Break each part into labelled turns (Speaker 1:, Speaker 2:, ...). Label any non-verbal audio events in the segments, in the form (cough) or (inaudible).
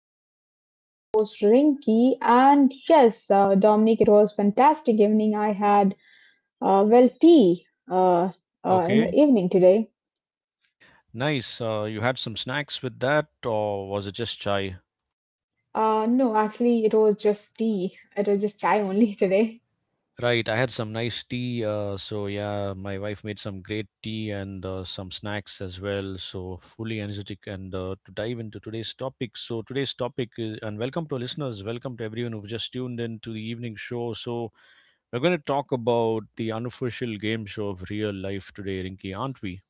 Speaker 1: everyone. This is your co host, Rinky. And yes, Dominic, it was fantastic evening. I had, well, tea uh, in
Speaker 2: Okay,
Speaker 1: the evening today.
Speaker 2: nice. You had some snacks with that, or was it just chai?
Speaker 1: No, actually, it was just tea. It was just chai only (laughs) today.
Speaker 2: Right, I had some nice tea. So yeah, my wife made some great tea and some snacks as well. So fully energetic and to dive into today's topic. So today's topic is, and welcome to our listeners. Welcome to everyone who've just tuned in to the evening show. So we're going to talk about the unofficial game show of real life today, Rinky, aren't we?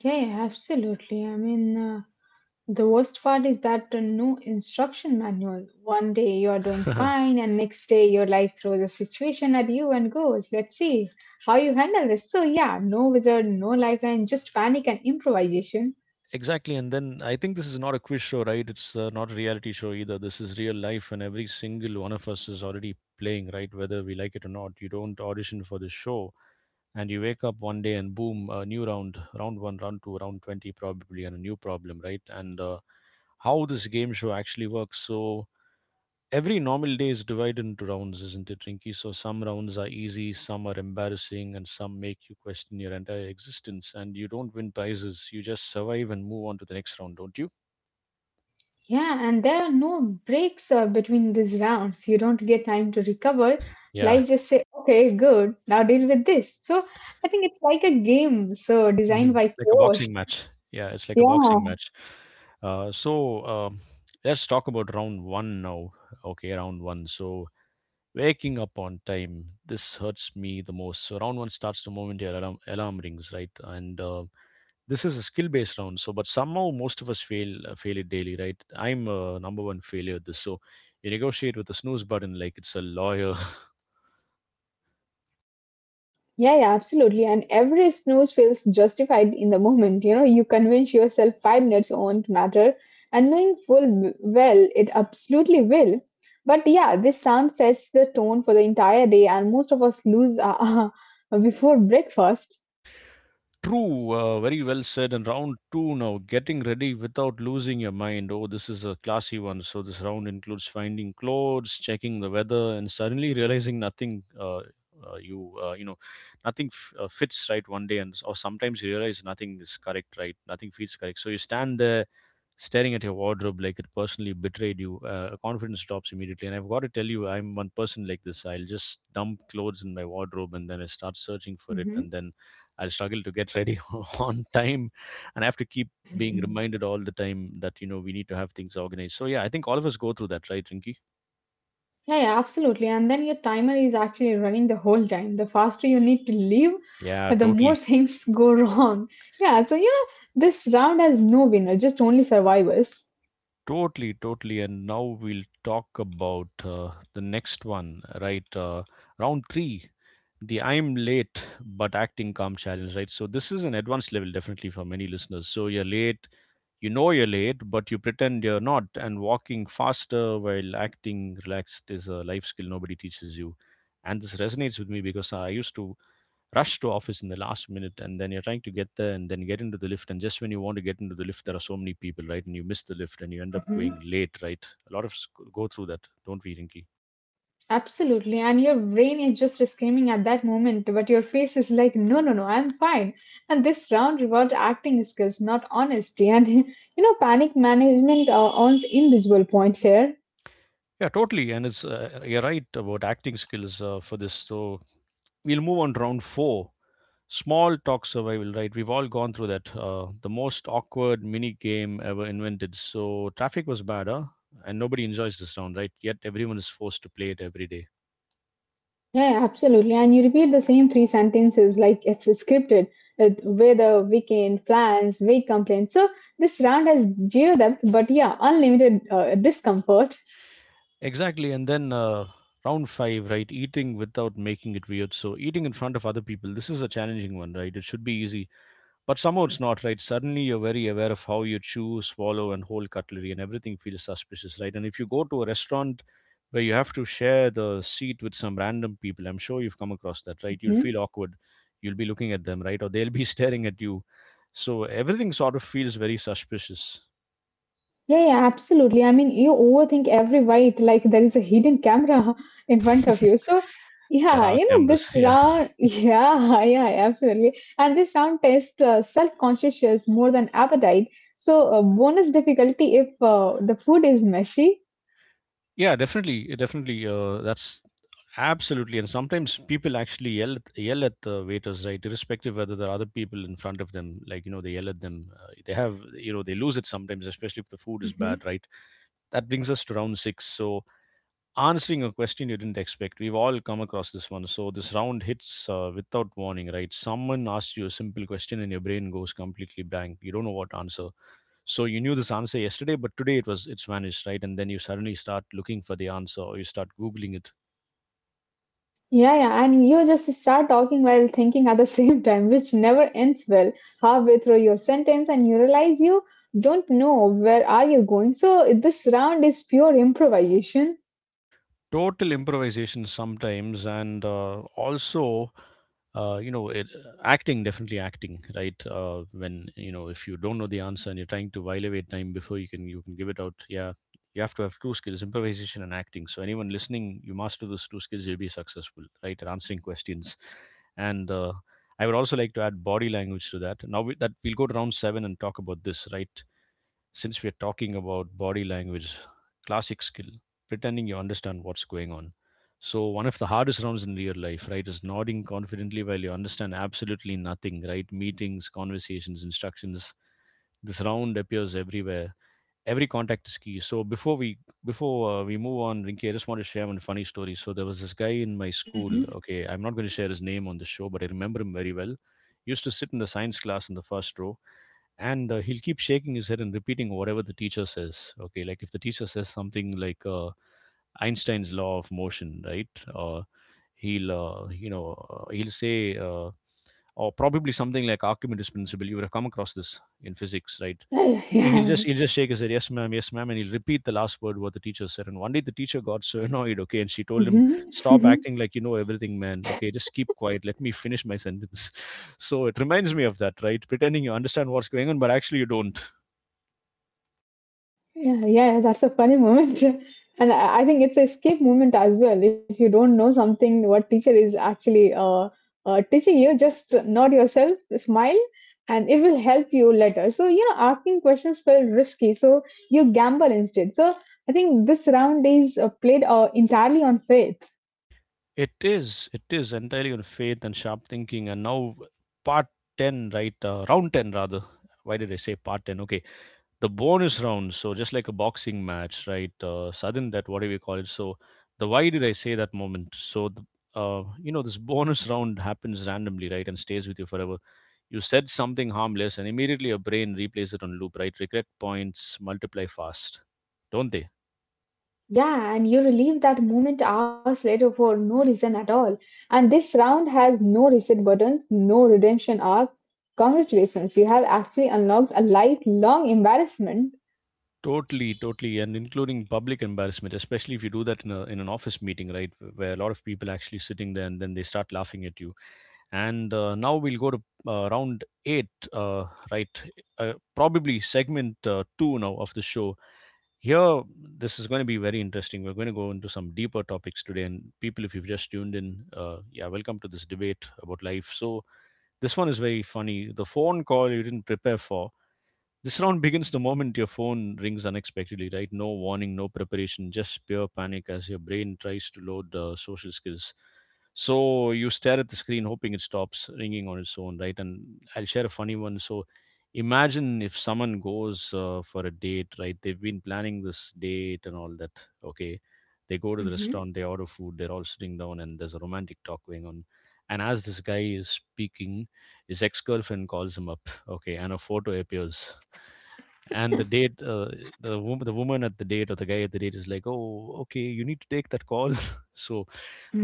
Speaker 1: Yeah, yeah, absolutely. I mean, the worst part is that there no instruction manual. One day you are doing fine, and next day your life throws a situation at you and goes, "Let's see how you handle this." So yeah, no wizard, no lifeline, just panic and improvisation.
Speaker 2: (laughs) Exactly. And then I think this is not a quiz show, right? It's not a reality show either. This is real life, and every single one of us is already playing, right? Whether we like it or not. You don't audition for this show, and you wake up one day and boom, a new round, round one, round two, round 20, probably, and a new problem, right? And How this game show actually works. So, every normal day is divided into rounds, isn't it, Rinky? So some rounds are easy, some are embarrassing, and some make you question your entire existence. And you don't win prizes; you just survive and move on to the next round, don't you?
Speaker 1: Yeah, and there are no breaks between these rounds. You don't get time to recover.
Speaker 2: Yeah,
Speaker 1: Life just say, "Okay, good. Now deal with this." So I think it's like a game, so designed
Speaker 2: hmm.
Speaker 1: by
Speaker 2: (laughs) Like a
Speaker 1: chaos.
Speaker 2: boxing match. Yeah, it's like a boxing
Speaker 1: Yeah.
Speaker 2: match. So let's talk about round one now. Okay, round one. So waking up on time. This hurts me the most. So round one starts the moment your alarm rings, right? And This is a skill based round, so but somehow most of us fail, fail it daily, right? I'm a number one failure at this. So you negotiate with the snooze button like it's a lawyer. (laughs)
Speaker 1: Yeah, yeah, absolutely. And every snooze feels justified in the moment. You know, you convince yourself 5 minutes won't matter, and knowing full well it absolutely will. But yeah, this sound sets the tone for the entire day, and most of us lose (laughs) before breakfast.
Speaker 2: True. Very well said. And round two now, getting ready without losing your mind. Oh, this is a classy one. So this round includes finding clothes, checking the weather, and suddenly realizing nothing you you know nothing f- fits right one day. And or sometimes you realize nothing is correct, right? Nothing feels correct. So you stand there staring at your wardrobe like it personally betrayed you. Confidence drops immediately, and I've got to tell you, I'm one person like this. I'll just dump clothes in my wardrobe and then I start searching for it,
Speaker 1: Hmm.
Speaker 2: and then I'll struggle to get ready (laughs) on time. And I have to keep being
Speaker 1: (laughs)
Speaker 2: reminded all the time that, you know, we need to have things organized. So yeah, I think all of us go through that, right, Rinky?
Speaker 1: Yeah, yeah, absolutely. And then your timer is actually running the whole time. The faster you need to leave,
Speaker 2: Yeah,
Speaker 1: the more (laughs)
Speaker 2: totally
Speaker 1: things go wrong. Yeah, so you know, this round has no winner, just only survivors.
Speaker 2: totally totally And now we'll talk about the next one, right? Round 3, the I'm late but acting calm challenge, right? So this is an advanced level definitely for many listeners. So you're late, you know you're late, but you pretend you're not, and walking faster while acting relaxed is a life skill nobody teaches you. And this resonates with me because I used to rush to office in the last minute, and then you're trying to get there and then get into the lift, and just when you want to get into the lift there are so many people, right? And you miss the lift and you end up going late, right? A lot of us go through that, don't we, Rinky?
Speaker 1: Absolutely. And your brain is just screaming at that moment, but your face is like, no, no, no, I'm fine. And this round reward acting skills, not honesty. And, (laughs) you know, panic management earns invisible points here.
Speaker 2: Yeah, totally. And it's you're right about acting skills for this. So we'll move on to round four. Small talk survival, right? We've all gone through that. The most awkward mini game ever invented. So traffic was bad, huh? And nobody enjoys this round, right? Yet everyone is forced to play it every day.
Speaker 1: Yeah, absolutely. And you repeat the same three sentences like it's scripted with weather, weekend, plans, vague complaints. So this round has zero depth, but yeah, unlimited discomfort.
Speaker 2: Exactly. And then Round five, right? Eating without making it weird. So eating in front of other people. This is a challenging one, right? It should be easy, but somehow it's not, right? Suddenly you're very aware of how you chew, swallow, and hold cutlery, and everything feels suspicious, right? And if you go to a restaurant where you have to share the seat with some random people, I'm sure you've come across that, right? You'll
Speaker 1: Hmm?
Speaker 2: feel awkward. You'll be looking at them, right? Or they'll be (laughs) staring at you. So everything sort of feels very suspicious.
Speaker 1: Yeah, yeah, absolutely. I mean, you overthink every bite, like there is a hidden camera (laughs) in front of you. So,
Speaker 2: (laughs) There
Speaker 1: yeah,
Speaker 2: are
Speaker 1: you know,
Speaker 2: cameras, (laughs)
Speaker 1: this
Speaker 2: yeah.
Speaker 1: round, (laughs) yeah, yeah, absolutely. And this round tests self-consciousness more than appetite. So, bonus difficulty if the food is messy.
Speaker 2: Yeah, definitely, definitely. That's absolutely. And sometimes people actually yell at the waiters, right? Irrespective whether there are other people in front of them, like, you know, they yell at them. They have, you know, they lose it sometimes, especially if the food is
Speaker 1: Hmm.
Speaker 2: bad, right? That brings us to round six. So answering a question you didn't expect, we've all come across this one. So this round hits without warning, right? Someone asks you a simple question, and your brain goes completely blank. You don't know what to answer. So you knew this answer yesterday, but today it's vanished, right? And then you suddenly start looking for the answer, or you start googling it.
Speaker 1: Yeah, yeah, and you just start talking while thinking at the (laughs) same time, which never ends well. Halfway through your sentence, and you realize you don't know where are you going. So, this round is pure improvisation.
Speaker 2: Total improvisation sometimes, and also, you know it, acting, definitely acting, right? When you, know, if you don't know the answer and you're trying to while away time before you can give it out, yeah, you have to have two skills: improvisation and acting. So anyone listening, you master those two skills, you'll be successful, right, at answering questions. And I would also like to add body language to that. Now that we'll go to round 7 and talk about this, right? Since we're talking about body language, classic skill, pretending you understand what's going on. So, one of the hardest rounds in real life, right, is nodding confidently while you understand absolutely nothing, right? Meetings, conversations, instructions. This round appears everywhere. Every contact is key. So, before we move on, Rinki, I just want to share one funny story. So, there was this guy in my school. Okay, I'm not going to share his name on the show, but I remember him very well. He used to sit in the science class in the first row, and he'll keep shaking his head and repeating whatever the teacher says. Okay, like if the teacher says something like, Einstein's law of motion, right? Or he'll you know he'll say or probably something like Archimedes' principle. You would have come across this in physics, right?
Speaker 1: (laughs) Yeah, yeah,
Speaker 2: He'll
Speaker 1: yeah.
Speaker 2: just he'll just shake his head, yes ma'am, and he'll repeat the last word what the teacher said. And one day the teacher got so (laughs) annoyed, okay, and she told him,
Speaker 1: Hmm.
Speaker 2: "Stop
Speaker 1: Hmm.
Speaker 2: acting like you know everything, man. Okay, just keep quiet. Let me finish my sentence." (laughs) So it reminds me of that, right? Pretending you understand what's going on, but actually you don't.
Speaker 1: Yeah, yeah, yeah, that's a funny moment. (laughs) And I think it's a escape moment as well. If you don't know something, what teacher is actually teaching you, just nod yourself, smile, and it will help you later. So, you know, asking questions felt risky. So, you gamble instead. So, I think this round is played entirely on faith.
Speaker 2: It is. It is entirely on faith and sharp thinking. And now, part 10, right? Round 10, rather. Why did I say part 10? Okay. The bonus round. So, just like a boxing match, right? Sudden that, whatever you call it. So, the why did I say that moment? So, the, you know, this bonus round happens randomly, right? And stays with you forever. You said something harmless, and immediately your brain replays it on loop, right? Regret points multiply fast, don't they?
Speaker 1: Yeah, and you relive that moment hours later for no reason at all. And this round has no reset buttons, no redemption arc. Congratulations, you have actually unlocked a lifelong embarrassment.
Speaker 2: Totally, totally, and including public embarrassment, especially if you do that in, a, in an office meeting, right, where a lot of people actually sitting there and then they start laughing at you. And Now we'll go to round eight, uh, right? Probably segment two now of the show. Here, this is going to be very interesting. We're going to go into some deeper topics today. And people, if you've just tuned in, yeah, welcome to this debate about life. So this one is very funny. The phone call you didn't prepare for. This round begins the moment your phone rings unexpectedly, right? No warning, no preparation, just pure panic as your brain tries to load the social skills. So you stare at the screen, hoping it stops ringing on its own, right? And I'll share a funny one. So imagine if someone goes for a date, right? They've been planning this date and all that. Okay. They go to the
Speaker 1: Mhm.
Speaker 2: restaurant, they order food, they're all sitting down, and there's a romantic talk going on. And as this guy is speaking, his ex girlfriend calls him up, okay, and a photo appears and
Speaker 1: (laughs)
Speaker 2: the woman at the date or the guy at the date is like, oh, okay, you need to take that call. (laughs) So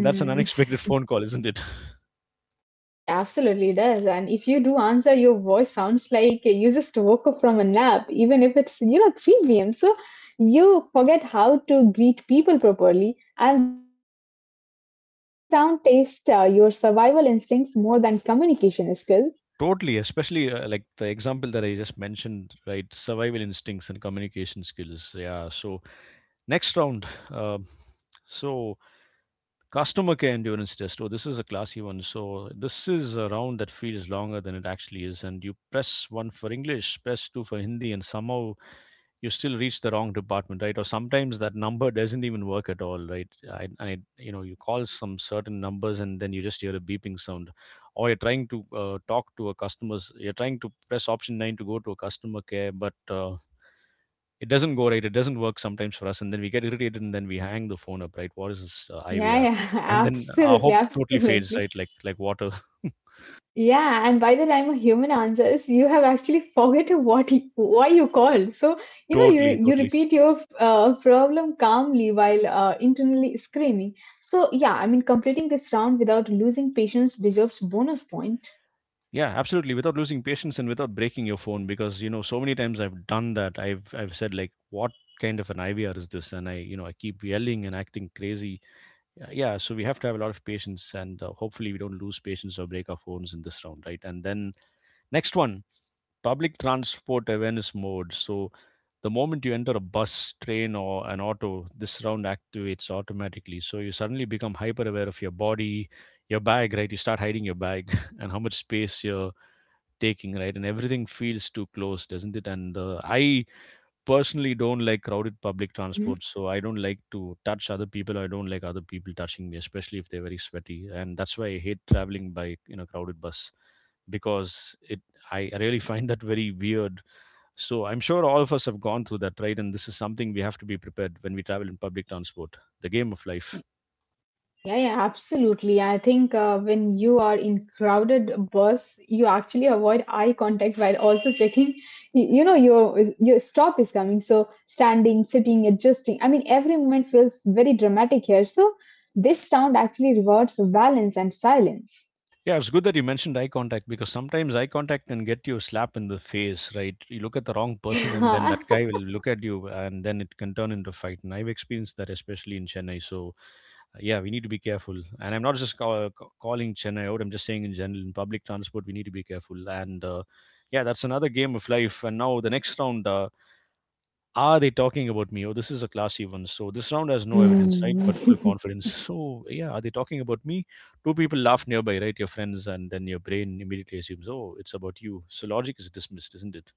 Speaker 2: that's an unexpected phone call, isn't it?
Speaker 1: Yeah, yeah, absolutely it does. And if you do answer, your voice sounds like you just woke up from a nap, even if it's, you know, 3 p.m. So you forget how to greet people properly. And this round tests your survival instincts more than communication skills.
Speaker 2: (laughs) Totally, especially like the example that I just mentioned, right? Survival instincts and communication skills, yeah. So next round. (laughs) um, so customer care endurance test. Oh, this is a classy one. So this is a round that feels longer than it actually is, and you press one for English, press two for Hindi, and somehow you still reach the wrong department, right? Or sometimes that number doesn't even work at all, right? I you know, you call some certain numbers and then you just hear a beeping sound. Or you're trying to talk to a customer's, you're trying to press option 9 to go to a customer care, but it doesn't go, right? It doesn't work sometimes for us, and then we get irritated and then we hang the phone up, right? What is this
Speaker 1: Yeah,
Speaker 2: IVR?
Speaker 1: yeah, (laughs)
Speaker 2: And then
Speaker 1: absolutely,
Speaker 2: our hope totally fades,
Speaker 1: absolutely.
Speaker 2: right? Like water. (laughs)
Speaker 1: Yeah, and by the time a human answers, you have actually forgotten why you called. So, you know,
Speaker 2: Totally,
Speaker 1: you
Speaker 2: totally.
Speaker 1: repeat your problem calmly while internally screaming. So, yeah, I mean, completing this round without losing patience deserves bonus point.
Speaker 2: Yeah, absolutely. Without losing patience and without breaking your phone, because you know, so many times I've done that. I've said like, what kind of an IVR is this? And I, you know, I keep yelling and acting crazy. Yeah, yeah, so we have to have a lot of patience, and hopefully we don't lose patience or break our phones in this round, right? And then next one, public transport awareness mode. So the moment you enter a bus, train, or an auto, this round activates automatically. So you suddenly become hyper aware of your body, your bag, right? You start hiding your bag (laughs) and how much space your taking, right? And everything feels too close, doesn't it? And I personally don't like crowded public
Speaker 1: Mhm.
Speaker 2: transport, so I don't like to touch other people. I don't like other people touching me, especially if they're very sweaty. And that's why I hate traveling by, you know, crowded bus, because it, I really find that very weird. So I'm sure all of us have gone through that, right? And this is something we have to be prepared when we travel in public transport. The game of life.
Speaker 1: Yeah, yeah, absolutely. I think when you are in crowded bus, you actually avoid eye contact while also checking. You know, your stop is coming. So standing, sitting, adjusting. I mean, every moment feels very dramatic here. So this sound actually rewards balance and silence.
Speaker 2: Yeah, it's good that you mentioned eye contact, because sometimes eye contact can get you a slap in the face, right? You look at the wrong person and then that
Speaker 1: (laughs)
Speaker 2: guy will look at you and then it can turn into a fight. And I've experienced that, especially in Chennai. So, yeah, we need to be careful. And I'm not just calling Chennai out, I'm just saying in general, in public transport, we need to be careful. And yeah, that's another game of life. And now the next round, are they talking about me? Oh, this is a classy one. So this round has no evidence, right?
Speaker 1: Hmm.
Speaker 2: But full
Speaker 1: (laughs)
Speaker 2: confidence. (laughs) So yeah, are they talking about me? Two people laugh nearby, right? Your friends, and then your brain immediately assumes, oh, it's about you. So logic is dismissed, isn't it?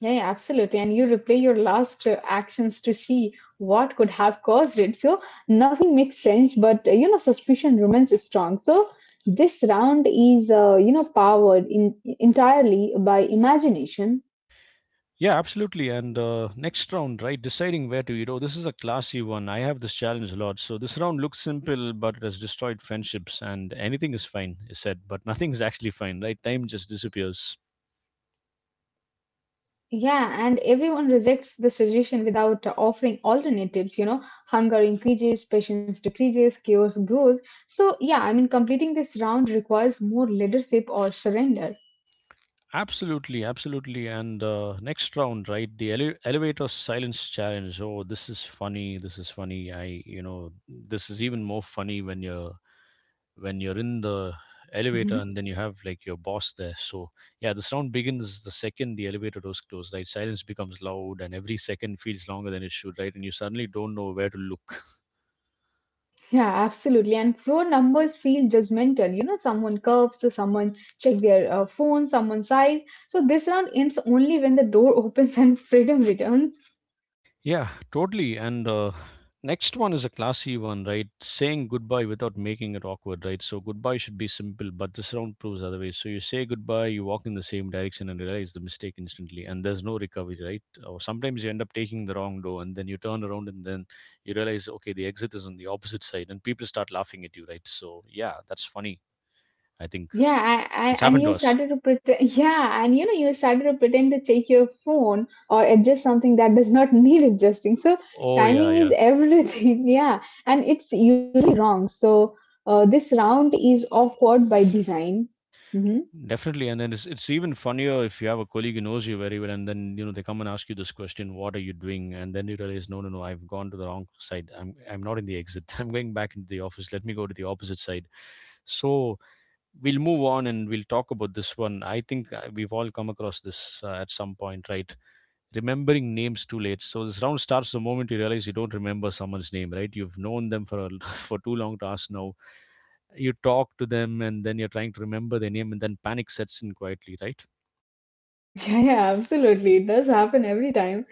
Speaker 1: Yeah, yeah, absolutely. And you replay your last actions to see what could have caused it. So nothing makes sense, but suspicion remains strong. So this round is, powered in entirely by imagination.
Speaker 2: Yeah, absolutely. And next round, right? Deciding where to eat. Oh, this is a classy one. I have this challenge a lot. So this round looks simple, but it has destroyed friendships, and anything is fine, is said, but (laughs) nothing is actually fine, right? Time just disappears.
Speaker 1: Yeah, and everyone rejects the suggestion without offering alternatives. You know, hunger increases, patience decreases, chaos grows. So yeah, I mean, completing this round requires more leadership or surrender.
Speaker 2: Absolutely, absolutely. And next round, right? The elevator silence challenge. Oh, this is funny. This is funny. I, you know, this is even more funny when you're in the elevator and
Speaker 1: Mhm.
Speaker 2: then you have like your boss there. So yeah, this round begins the second the elevator doors close, right? Silence becomes loud, and every second feels longer than it should, right? And you suddenly don't know where to look.
Speaker 1: Yeah, absolutely. And floor numbers feel judgmental. You know, someone curves, so someone check their phone, someone sighs. So this round ends only when the door (laughs) opens and freedom returns.
Speaker 2: Yeah, totally. And next one is a classy one, right? Saying goodbye without making it awkward, right? So goodbye should be simple, but this round proves otherwise. So you say goodbye, you walk in the same direction and realize the mistake instantly, and there's no recovery, right? Or sometimes you end up taking the wrong door, and then you turn around and then you realize, okay, the exit is on the opposite side, and people start laughing at you, right? So yeah, that's funny. I think
Speaker 1: Yeah,
Speaker 2: it's
Speaker 1: and
Speaker 2: happened to
Speaker 1: you
Speaker 2: us.
Speaker 1: started to pretend. (laughs) Yeah, and you know, you started to pretend to check your phone or adjust something that does not (laughs) need adjusting. So
Speaker 2: Oh yeah,
Speaker 1: timing is
Speaker 2: yeah.
Speaker 1: everything. (laughs) Yeah, and it's usually wrong. So this round is awkward by design. Hmm. (laughs)
Speaker 2: Definitely, and then it's even funnier if you have a colleague who knows you very well, and then you know they come and ask you this question, "What are you doing?" And then you realize, no, no, no, I've gone to the wrong side. I'm not in the exit. (laughs) I'm going back into the office. Let me go to the opposite side. So we'll move on and we'll talk about this one. I think we've all come across this at some point, right? Remembering names too late. So this round starts the moment you realize you don't remember someone's name, right? You've known them for a, (laughs) for too long to ask now. You talk to them and then you're trying to remember their name and then panic sets in quietly, right?
Speaker 1: Yeah, yeah, absolutely. It does happen every time.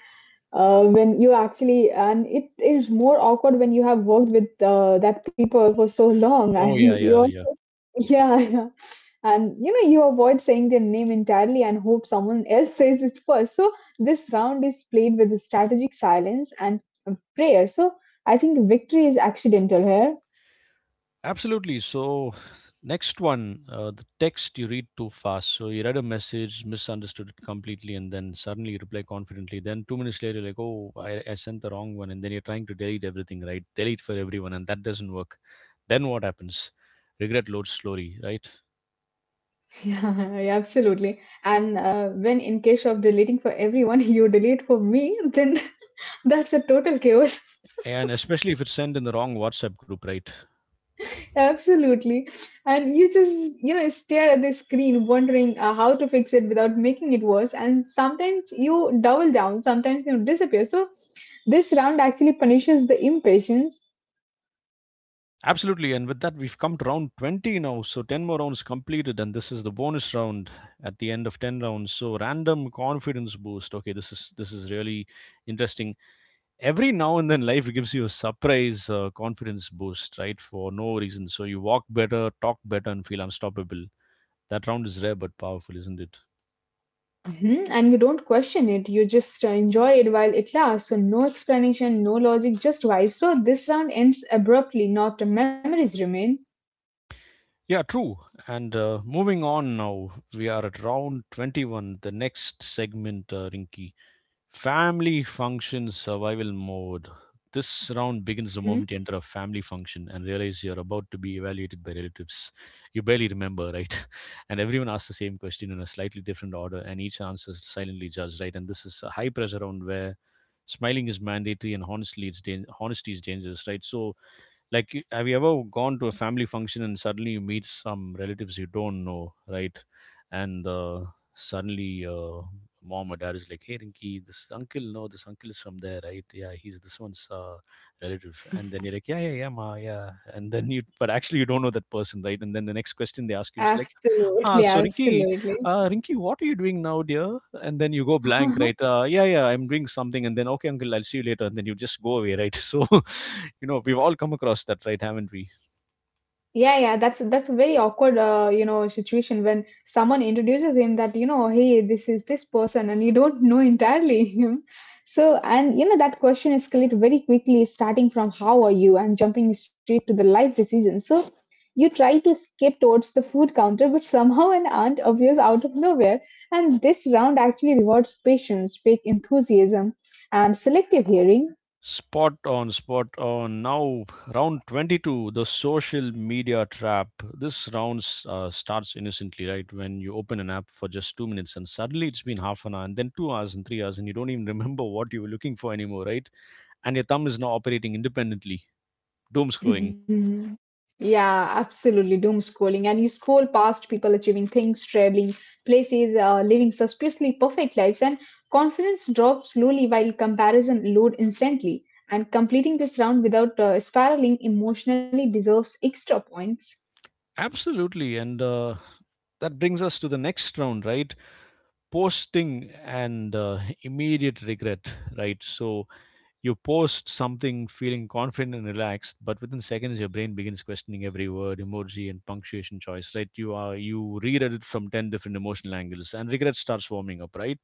Speaker 1: When you actually and it is more awkward when you have worked with that people for so long (laughs)
Speaker 2: Oh, yeah,
Speaker 1: and
Speaker 2: yeah,
Speaker 1: you're
Speaker 2: yeah.
Speaker 1: yeah, yeah, and you know you avoid saying their name entirely and hope someone else says it first. So this round is played with strategic silence and prayer. So I think victory is accidental here.
Speaker 2: Absolutely. So, next one, the text you read too fast. So, you read a message, misunderstood it completely, and then suddenly you reply confidently. Then, 2 minutes later, like, oh, I sent the wrong one. And then you're trying to delete everything, right? Delete for everyone, and that doesn't work. Then, what happens? Regret loads slowly, right?
Speaker 1: (laughs) Yeah, yeah, absolutely. And when in case of deleting for everyone (laughs) you delete for me then (laughs) that's a total chaos.
Speaker 2: And especially if it's sent in the wrong WhatsApp group, right?
Speaker 1: Absolutely. And you just, you know, stare at the screen wondering how to fix it without making it worse. And sometimes you double down, sometimes you disappear. So this round actually punishes the impatience.
Speaker 2: Absolutely, and with that, we've come to round 20 now. So, 10 more rounds completed, and this is the bonus round at the end of 10 rounds. So, random confidence boost. Okay, this is really interesting. Every now and then, life gives you a surprise confidence boost, right? For no reason. So, you walk better, talk better, and feel unstoppable. That round is rare but powerful, isn't it?
Speaker 1: Mhm. And you don't question it, you just enjoy it while it lasts. So, no explanation, no logic, just vibes. So, this round ends abruptly, not memories remain.
Speaker 2: Yeah, true. And moving on now, we are at round 21, the next segment, Rinky. Family function survival mode. This round begins the
Speaker 1: Mhm.
Speaker 2: moment you enter a family function and realize you're about to be evaluated by relatives. You barely remember, right? (laughs) And everyone asks the same question in a slightly different order, and each answer is silently judged, right? And this is a high pressure round where smiling is mandatory and honestly, it's honesty is dangerous, right? So like have you ever gone to a family function and suddenly you meet some relatives you don't know, right? And suddenly mom or dad is like, hey Rinky, this uncle, no, this uncle is from there, right? Yeah, he's this one's relative. And then you're like, yeah yeah yeah, ma, yeah. And then you, but actually you don't know that person, right? And then the next question they ask you is like, ah,
Speaker 1: Absolutely,
Speaker 2: so Rinky,
Speaker 1: absolutely.
Speaker 2: Rinky, what are you doing now, dear? And then you go blank, right?
Speaker 1: (laughs)
Speaker 2: Yeah, yeah, I'm doing something. And then, okay, uncle, I'll see you later. And then you just go away, right? (laughs) So (laughs) you know, we've all come across that, right, haven't we?
Speaker 1: Yeah, yeah, that's a very awkward, situation when someone introduces him that, hey, this is this person, and you don't know entirely (laughs) him. So, and you know, that question escalates very quickly, starting from how are you and jumping straight to the life decision. So, you try to skip towards the food counter, but somehow an aunt appears out of nowhere. And this round actually rewards patience, fake enthusiasm, and selective hearing.
Speaker 2: Spot on, spot on. Now round 22, the social media trap. This round starts innocently, right, when you open an app for just 2 minutes and suddenly it's been half an hour, and then 2 hours and 3 hours, and you don't even (laughs) remember what you were looking for anymore, right? And your thumb is now operating independently, doom
Speaker 1: (laughs)
Speaker 2: scrolling.
Speaker 1: Mhm. Yeah, absolutely. Doom scrolling. And you scroll past people achieving things, traveling places, living suspiciously perfect lives, and confidence drops slowly while comparison load instantly. And completing this round without spiraling emotionally deserves extra points.
Speaker 2: Absolutely. And that brings us to the next round, right? Posting and immediate regret, right? So you post something feeling confident and relaxed, but within seconds your brain begins questioning every word, emoji, and punctuation choice, right? You reread it from 10 different emotional angles, and regret starts warming up, right?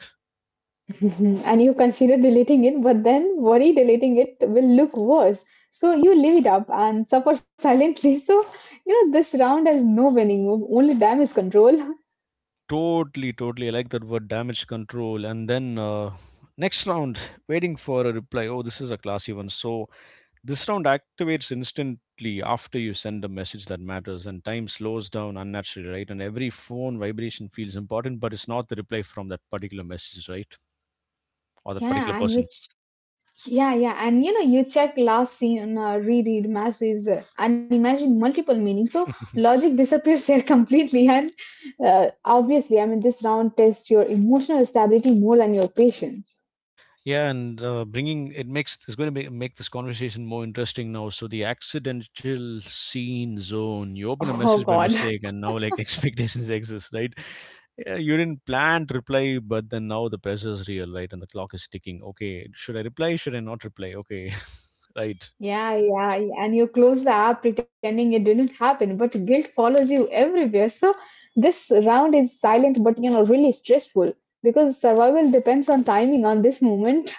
Speaker 1: (laughs) Mhm. And you consider deleting it, but then worry deleting it will look worse. So you leave it up and suffer (laughs) silently. So, you know, this round has no winning move, only damage control. (laughs)
Speaker 2: Totally, totally. I like that word, damage control. And then next round, waiting for a reply. Oh, this is a classy one. So this round activates instantly after you send a message that matters, and time slows down unnaturally, right? And every phone vibration feels important, but it's not the reply from that particular message, right? Or that particular
Speaker 1: Yeah, and you
Speaker 2: person.
Speaker 1: yeah, yeah, and you know, you check last scene, reread masses, and imagine multiple meanings. So logic disappears there (laughs) completely, and obviously, I mean, this round tests your emotional stability more than your patience. (laughs)
Speaker 2: Yeah, and bringing it makes it's going to make, make this conversation more interesting now. So the accidental scene zone, you open a
Speaker 1: Oh
Speaker 2: message by
Speaker 1: God.
Speaker 2: mistake, and now like (laughs) expectations exist, right? Yeah, you didn't plan to reply, but then now the pressure is real, right? And the clock is ticking. Okay, should I reply? Should I not reply? Okay, (laughs) right.
Speaker 1: Yeah, yeah, yeah, and you close the app pretending it didn't happen, but guilt follows you everywhere. So this round is silent, but you know, really stressful because survival depends on timing on this moment.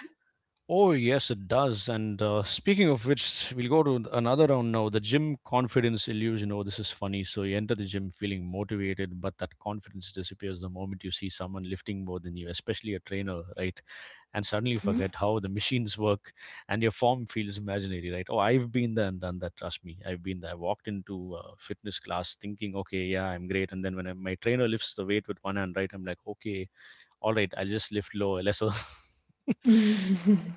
Speaker 2: Oh, yes, it does. And speaking of which, we'll go to another round now, the gym confidence illusion. Oh, this is funny. So, you enter the gym feeling motivated, but that confidence disappears the moment you see someone lifting more than you, especially a trainer, right? And suddenly you forget how the machines (laughs) work and your form feels imaginary, right? Oh, I've been there and done that. Trust me. I've been there. I walked into a fitness class thinking, okay, yeah, I'm great. And then when I, my trainer lifts the weight with one hand, right, I'm like, okay, all right, I'll just lift low, lesser. (laughs)
Speaker 1: (laughs)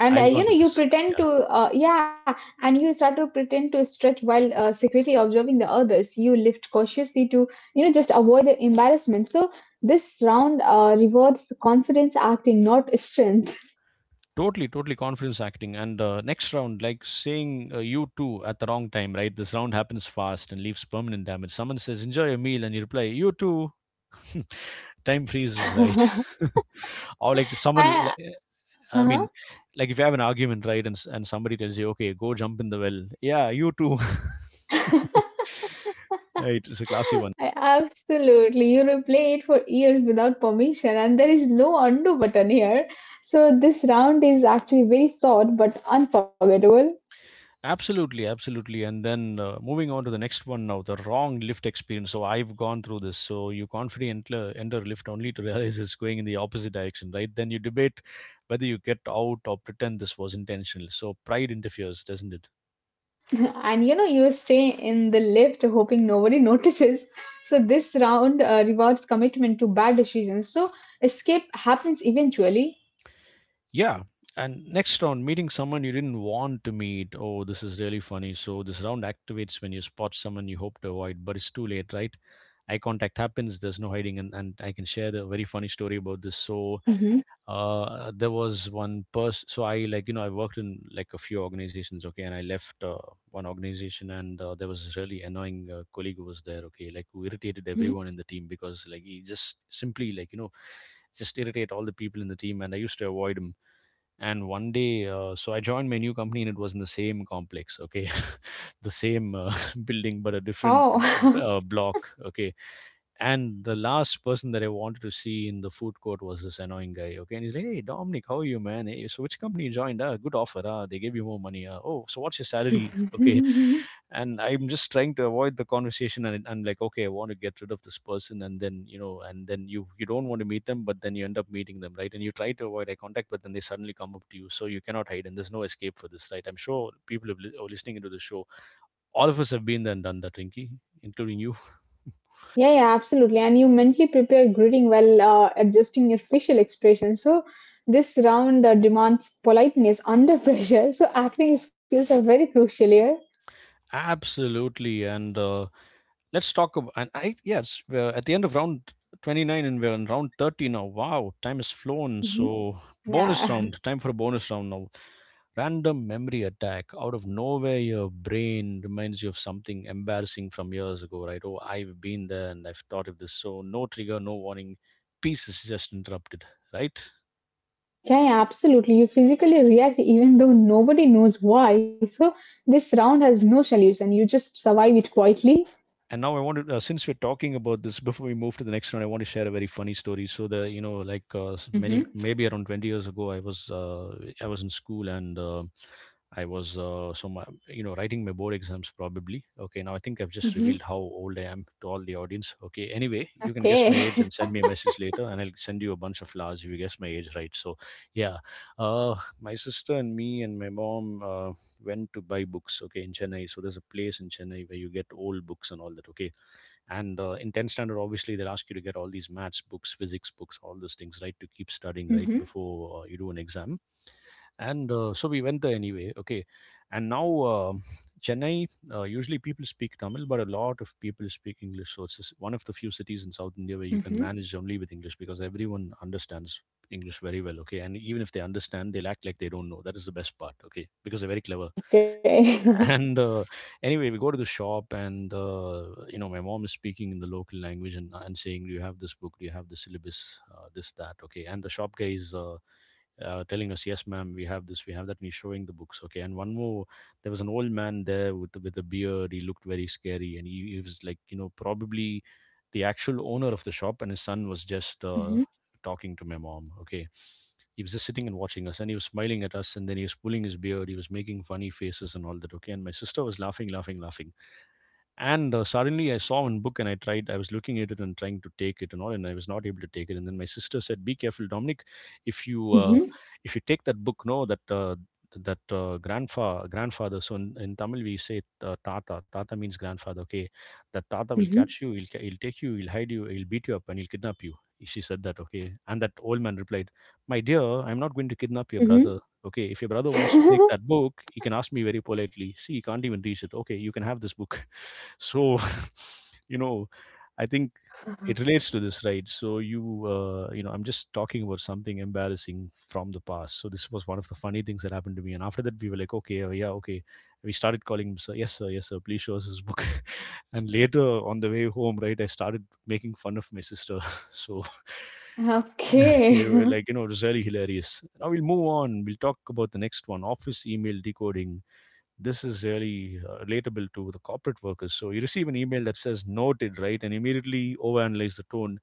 Speaker 1: And
Speaker 2: I've
Speaker 1: you
Speaker 2: gone
Speaker 1: know,
Speaker 2: to
Speaker 1: you
Speaker 2: this.
Speaker 1: pretend
Speaker 2: Yeah,
Speaker 1: to, yeah, and you start to pretend to stretch while secretly observing the others. You lift cautiously to, you know, just avoid the embarrassment. So this round rewards confidence acting, not strength.
Speaker 2: totally, totally confidence acting. And next round, like saying you too at the wrong time, right? This round happens fast and leaves permanent damage. Someone says, enjoy your meal, and you reply, you too. (laughs) Time
Speaker 1: (laughs)
Speaker 2: freezes, right?
Speaker 1: I,
Speaker 2: (laughs) Or like someone, I
Speaker 1: uh-huh.
Speaker 2: mean, like if you have an argument, right? And somebody tells you, okay, go jump in the well. Yeah, you too. (laughs)
Speaker 1: (laughs) I-
Speaker 2: Right, it's a classy one.
Speaker 1: Absolutely. You replay it for years without permission, and there is no undo button here. So this round is actually very short but unforgettable.
Speaker 2: Absolutely, absolutely. And then moving on to the next one now, the wrong lift experience. So I've gone through this. So you confidently enter lift only to (laughs) realize it's going in the opposite direction, right? Then you debate whether you get out or pretend this was intentional. So pride interferes, doesn't it?
Speaker 1: (laughs) And you know, you stay in the lift hoping nobody (laughs) notices. So this round rewards commitment to bad decisions. So escape happens eventually.
Speaker 2: Yeah. And next round, meeting someone you didn't want to meet. Oh, this is really funny. So this round activates when you spot someone you hope to avoid, but it's too late, right? Eye contact happens. There's no hiding, and I can share the very funny story about this. So
Speaker 1: Hmm.
Speaker 2: there was one person so I like you know I worked in like a few organizations okay and I left one organization and there was this really annoying colleague who was there okay like who irritated
Speaker 1: Hmm.
Speaker 2: everyone in the team because like he just simply like you know just irritate all the people in the team and I used to avoid him and one day so I joined my new company and it was in the same complex okay (laughs) the same (laughs) building but a different bl-
Speaker 1: Oh.
Speaker 2: uh, block okay and the last person that I wanted to see in the food court was this annoying guy. Okay. And he's like, Hey, Dominic, how are you, man? Hey, so which company you joined? Ah, good offer. Ah, they gave you more money. Ah, oh, so what's your salary? (laughs) Okay
Speaker 1: (laughs)
Speaker 2: and I'm just trying to avoid the conversation and I'm like okay I want to get rid of this person and then you know and then you don't want to meet them but then you end up meeting them right and you try to avoid eye contact but then they suddenly come up to you so you cannot hide and there's no escape for this right I'm sure people who are listening into the show all of us have been there and done that rinky including you
Speaker 1: Yeah, yeah, absolutely. And you mentally prepare greeting while adjusting your facial expression. So this round demands politeness under (laughs) pressure. So acting skills are very crucial here.
Speaker 2: (laughs) absolutely and let's talk about and I yes we're at the end of round 29 and we're in round 30 now wow time has flown
Speaker 1: Hmm.
Speaker 2: so bonus
Speaker 1: Yeah.
Speaker 2: round time for a bonus round now random memory attack out of nowhere your brain reminds you of something embarrassing from years ago right oh I've been there and I've thought of this so no trigger no warning peace is just interrupted right.
Speaker 1: Yeah, yeah, absolutely. You physically react even though nobody knows why. So this round has no solution. You just survive it quietly.
Speaker 2: And now I wanted, since we're talking about this, (laughs) before we move to the next one, I want to share a very funny story. So the, you know, like many,
Speaker 1: Mm-hmm.
Speaker 2: maybe around 20 years ago, I was in school and so my, you know, writing my board exams probably. Okay, now I think I've just
Speaker 1: Mm-hmm.
Speaker 2: revealed how old I am to all the audience. Okay, anyway, you can guess
Speaker 1: Okay.
Speaker 2: my age
Speaker 1: (laughs)
Speaker 2: and send me a message later, and I'll send you a bunch of flowers if you guess my age right. So, yeah, uh, my sister and me and my mom. Went to buy books, okay, in Chennai. So there's a place in Chennai where you get old books and all that, okay. And in 10th standard, obviously, they'll ask you to get all these maths books, physics books, all those things, right, to keep studying, right,
Speaker 1: Mm-hmm.
Speaker 2: before you do an exam. And so we went there anyway, okay. And now Chennai, usually people speak Tamil, but a lot of people speak English. So it's one of the few cities in South India where you can
Speaker 1: Mm-hmm.
Speaker 2: manage only with English because everyone understands English very well, okay. And even if they understand, they'll act like they don't know. That is the best part, okay, because they're very clever
Speaker 1: Okay. (laughs)
Speaker 2: and anyway we go to the shop and you know my mom is speaking in the local language and saying do you have this book do you have the syllabus this that okay and the shop guy is telling us yes ma'am we have this we have that and he's showing the books okay and one more there was an old man there with a beard he looked very scary and he was like you know probably the actual owner of the shop and his son was just
Speaker 1: Mm-hmm.
Speaker 2: talking to my mom okay he was just sitting and watching us, and he was smiling at us, and then he was pulling his beard. He was making funny faces and all that. Okay, and my sister was laughing, laughing, laughing. And suddenly I saw one book and I tried, I was looking at it and trying to take it and all, and I was not able to take it. And then my sister said, be careful, Dominic, if you, uh,
Speaker 1: Hmm.
Speaker 2: if you take that book, no, that grandfather so in tamil we say tata means grandfather okay that tata will catch you he'll take you he'll hide you he'll beat you up and he'll kidnap you she said that okay and that old man replied my dear I'm not going to kidnap your
Speaker 1: Hmm.
Speaker 2: brother okay if your brother wants to take
Speaker 1: Hmm.
Speaker 2: that book he can ask me very politely see he can't even reach it okay you can have this book so, (laughs) you know, I think it relates to this, right? So you, you know, I'm just talking about something embarrassing from the past. So this was one of the funny things that happened to me. And after that, we were like, okay, yeah, okay. We started calling him, sir, yes, sir, yes, sir. Please show us his book. (laughs) And later on the way home, right, I started making fun of my sister. (laughs) So.
Speaker 1: (laughs)
Speaker 2: (laughs) You know,
Speaker 1: Okay. (laughs)
Speaker 2: it was really hilarious. Now we'll move on. We'll talk about the next one: office email decoding. This is really relatable to the corporate workers. So you receive an email that says noted, right? And immediately overanalyze the tone.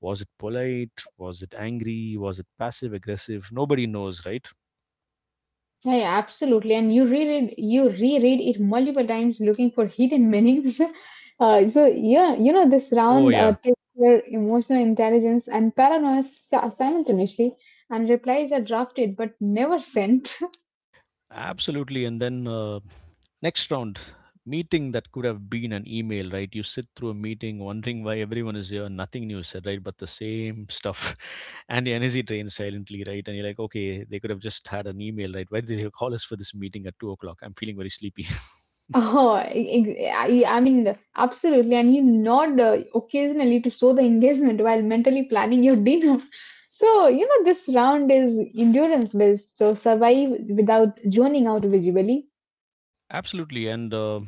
Speaker 2: Was it polite? Was it angry? Was it passive aggressive? Nobody knows, right?
Speaker 1: Yeah, yeah, absolutely. And you reread it multiple times looking for hidden meanings. (laughs) So yeah, you know this
Speaker 2: Oh,
Speaker 1: round
Speaker 2: yeah.
Speaker 1: tests your emotional intelligence and paranoia simultaneously, and replies are drafted but never sent. (laughs)
Speaker 2: Absolutely. And then next round, meeting that could have been an email, right? You sit through a meeting wondering why everyone is here, nothing new is said, right? But the same stuff. (laughs) And the energy drains silently, right? And you're like, okay, they could have just had an email, right? Why did they call us for this meeting at 2 o'clock? I'm feeling very sleepy. (laughs)
Speaker 1: Oh, I mean, absolutely. And you nod occasionally to show the engagement while mentally planning your (laughs) dinner. So, you know, this round is endurance based, so survive without zoning out visually.
Speaker 2: Absolutely. And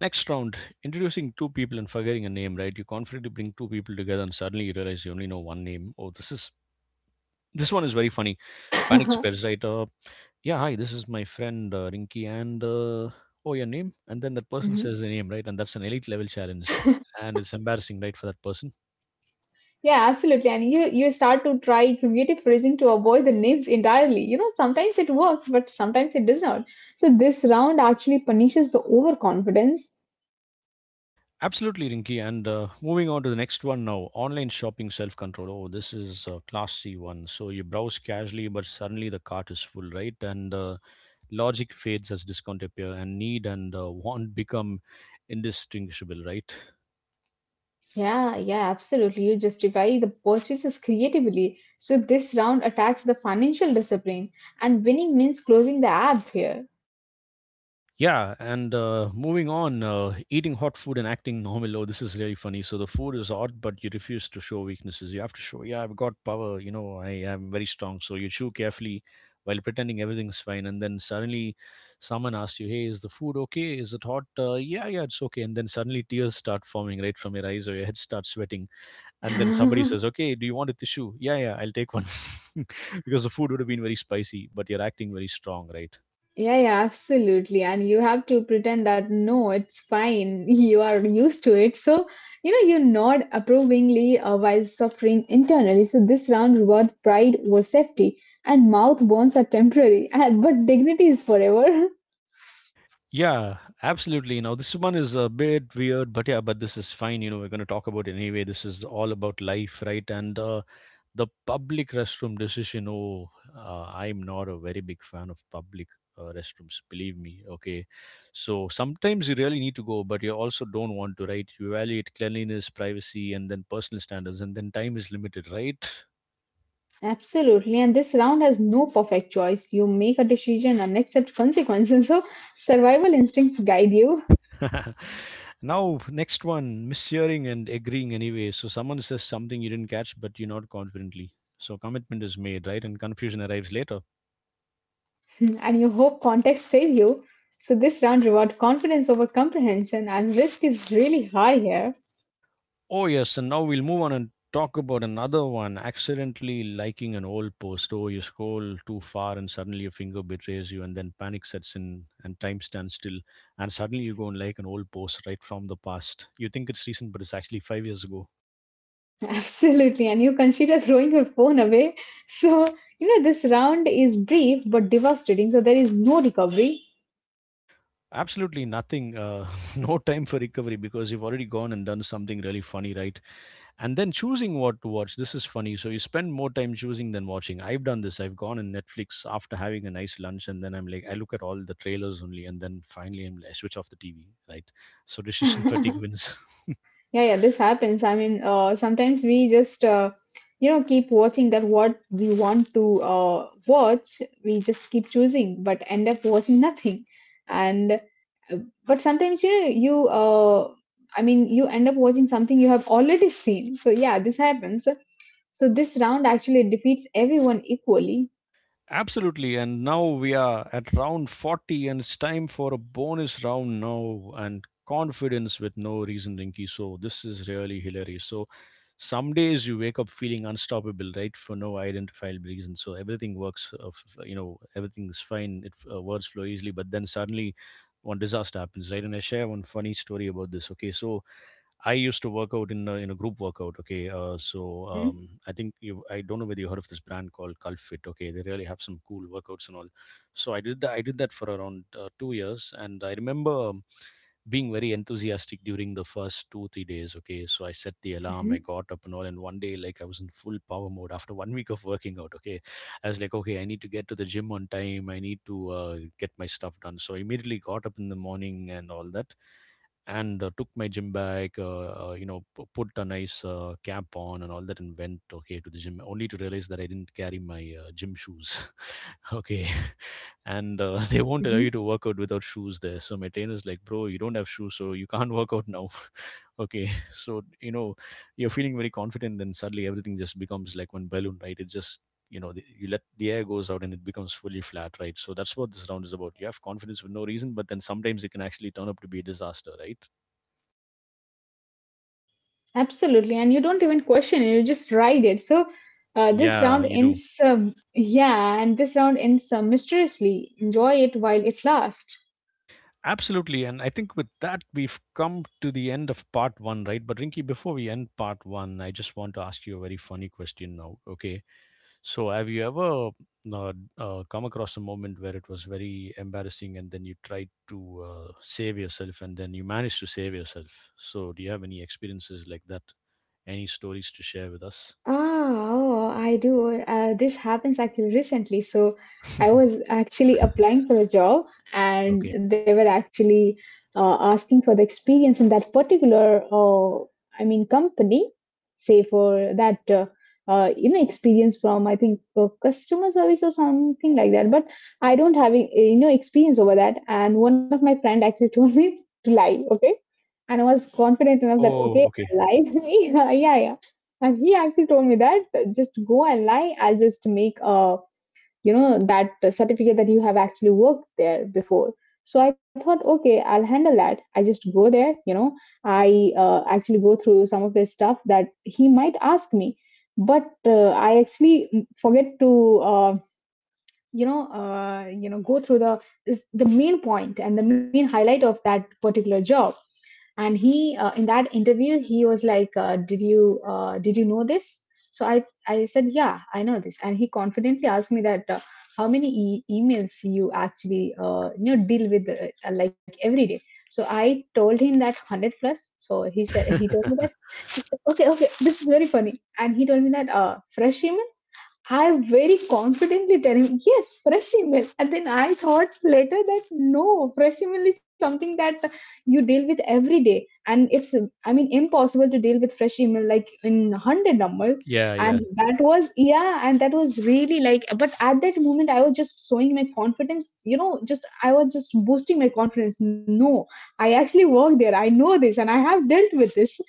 Speaker 2: next round, introducing two people and forgetting a name, right? You confidently bring two people together and suddenly you realize you only know one name. Oh, this is. This one is very funny. Panic
Speaker 1: (laughs)
Speaker 2: spares, right? Yeah hi this is my friend rinky and oh your name and then that person
Speaker 1: Mhm.
Speaker 2: says the name right and that's an elite level challenge
Speaker 1: (laughs)
Speaker 2: and it's embarrassing right for that person
Speaker 1: Yeah, absolutely. And you start to try creative phrasing to avoid the names entirely. You know, sometimes it works, but sometimes it does not. So this round actually punishes the overconfidence.
Speaker 2: absolutely rinky and moving on to the next one now online shopping self control oh this is a class c one so you browse casually but suddenly the cart is full right and logic fades as discount appear and need and want become indistinguishable right.
Speaker 1: Yeah, yeah, absolutely. You justify the purchases creatively. So this round attacks the financial discipline, and winning means closing the app here.
Speaker 2: Yeah, and eating hot food and acting normal. Oh, this is really funny. So the food is hot, but you refuse to show weaknesses. You have to show, yeah, I've got power. You know, I am very strong. So you chew carefully while pretending everything's fine, and then suddenly someone asks you, "Hey, is the food okay? Is it hot?" Yeah, yeah, it's okay. And then suddenly tears start forming right from your eyes, or your head starts sweating. And then somebody
Speaker 1: (laughs)
Speaker 2: says, "Okay, do you want a tissue?" Yeah, yeah, I'll take one, (laughs) because the food would have been very spicy, but you're acting very strong, right?
Speaker 1: Yeah, yeah, absolutely. And you have to pretend that no, it's fine. (laughs) You are used to it. So, you know, you nod approvingly while suffering internally. So, this round rewards pride over safety, and mouth bones are temporary, (laughs) but dignity is forever. (laughs)
Speaker 2: Yeah, absolutely. You know, this one is a bit weird, but yeah, but this is fine. You know, we're going to talk about it anyway. This is all about life, right? And The public restroom decision. Oh, I'm not a very big fan of public restrooms, believe me. Okay. So sometimes you really need to go, but you also don't want to, right? You evaluate cleanliness, privacy, and then personal standards, and then time is limited, right?
Speaker 1: Absolutely. And this round has no perfect choice. You make a decision and accept consequences. (laughs) So, survival instincts guide you,
Speaker 2: (laughs) Now, next one, mishearing and agreeing anyway. So someone says something you didn't catch, but you're not confidently. So commitment is made, right? And confusion arrives later.
Speaker 1: (laughs) and you hope context save you. So, this round rewards confidence over comprehension, and risk is really high here.
Speaker 2: Oh yes, and now we'll move on and talk about another one. Accidentally liking an old post. Oh, you scroll too far and suddenly your finger betrays you, and then panic sets in and time stands still, and suddenly you go and like an old post right from the past. You think it's recent, but it's actually 5 years ago.
Speaker 1: Absolutely, and you consider throwing your phone away. So, you know, this round is brief but devastating, so there is no recovery.
Speaker 2: Absolutely nothing. (laughs) No time for recovery because you've already gone and done something really funny, right? And then choosing what to watch. This is funny. So you spend more time choosing than watching. I've done this. I've gone on Netflix after having a nice lunch, and then I'm like, I look at all the trailers only, and then finally I switch off the TV, right? So (laughs) decision fatigue
Speaker 1: (laughs)
Speaker 2: wins. (laughs)
Speaker 1: Yeah, yeah, this happens. Sometimes you know, keep watching that what we want to watch. We just keep choosing, but end up watching nothing. And but sometimes you end up watching something you have already seen. So yeah, this happens. So this round actually defeats everyone equally.
Speaker 2: Absolutely. And now we are at round 40, and it's time for a bonus round now and confidence with no reason, Rinky. So, this is really hilarious. So, some days you wake up feeling unstoppable, right? For no identifiable reason. So, everything works, you know, everything's fine. Words flow easily, but then suddenly one disaster happens, right? And I share one funny story about this. Okay. So, I used to work out in a group workout. Okay,
Speaker 1: Mm-hmm,
Speaker 2: I think you I don't know whether you heard of this brand called Culfit. Okay, they really have some cool workouts and all. So I did that. I did that for around 2 years, and I remember being very enthusiastic during the first 2 3 days. Okay, so I set the alarm, I
Speaker 1: mm-hmm,
Speaker 2: got up and all, and one day like I was in full power mode after one (laughs) week of working out. Okay, I was like, okay, I need to get to the gym on time. I need to get my stuff done. So I immediately got up in the morning and all that and took my gym bag, you know, put a nice cap on and all that, and went okay to the gym. Only to realize that I didn't carry my gym shoes. (laughs) Okay, (laughs) and (laughs) they won't allow
Speaker 1: mm-hmm.
Speaker 2: you to work out without shoes there. So my trainer's like, bro, you don't have shoes, so you can't (laughs) work out now. (laughs) Okay, so you know, you're feeling very confident, then suddenly everything just becomes like one balloon, right? It just you know, you let the air goes out and it becomes fully flat, right? So that's what this round is about. You have confidence for no reason, but then sometimes it can actually turn up to be a disaster, right?
Speaker 1: Absolutely. And you don't even question it, you just ride it. So this
Speaker 2: Yeah,
Speaker 1: round
Speaker 2: you do.
Speaker 1: ends, yeah, and this round ends mysteriously. Enjoy it while it lasts.
Speaker 2: Absolutely. And I think with that, we've come to the end of part one, right? But Rinky, before we end part one, I just want to ask you a very funny question now. Okay. So, have you ever uh, come across a moment where it was very embarrassing and then you tried to save yourself and then you managed to save yourself? So, do you have any experiences like that? Any stories to share with us?
Speaker 1: Oh, I do. This happens actually recently. So I was
Speaker 2: (laughs)
Speaker 1: actually applying for a job, and
Speaker 2: Okay.
Speaker 1: they were actually asking for the experience in that particular company. Say for that, you know, experience from I think customer service or something like that. But I don't have, you know, experience over that. And one of my friend actually (laughs) told me to lie. Okay, and I was confident enough that
Speaker 2: Oh,
Speaker 1: okay,
Speaker 2: okay.
Speaker 1: I lied. (laughs) Yeah, yeah, yeah. And he actually told me that just go and lie. I'll just make a you know that certificate that you have actually worked there before. So I thought, okay, I'll handle that. I just go there, you know. I actually go through some of the stuff that he might ask me, but I actually forget to. You know, go through the is the main point and the main highlight of that particular job. And he in that interview he was like did you know this. So I said, yeah, I know this. And he confidently asked me that how many emails you actually you know deal with like every day. So I told him that 100 plus. So he told me that okay, okay, this is very funny. And he told me that fresh email. I very confidently tell him, yes, fresh email. And then I thought later that no, fresh email is something that you deal with every day. And impossible to deal with fresh email like in 100 numbers.
Speaker 2: Yeah,
Speaker 1: And
Speaker 2: yeah.
Speaker 1: that was, yeah, and that was really like, but at that moment, I was just showing my confidence, you know, just, I was just boosting my confidence. No, I actually work there. I know this and I have dealt with this.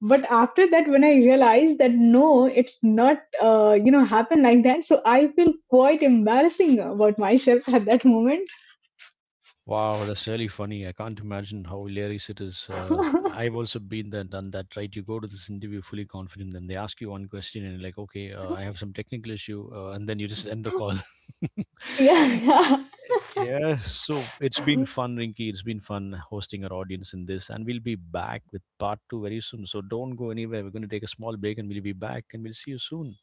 Speaker 1: But after that, when I realized that no, it's not you know, happen like that, so I feel quite embarrassing about myself at that moment.
Speaker 2: Wow, that's really funny. I can't imagine how hilarious it is.
Speaker 1: (laughs)
Speaker 2: I've also been there, done that, right? You go to this interview fully confident, then they ask you one question, and you're like, okay, I have some technical issue, and then you just (laughs) end the call.
Speaker 1: Yeah, yeah.
Speaker 2: (laughs) Yeah, so it's been fun, Rinky. It's been fun hosting our audience in this, and we'll be back with part two very soon. So don't go anywhere. We're going to take a small break, and we'll be back, and we'll see you soon.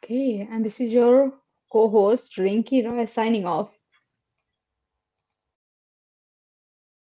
Speaker 1: Okay, and this is your co host Rinky Roy signing off.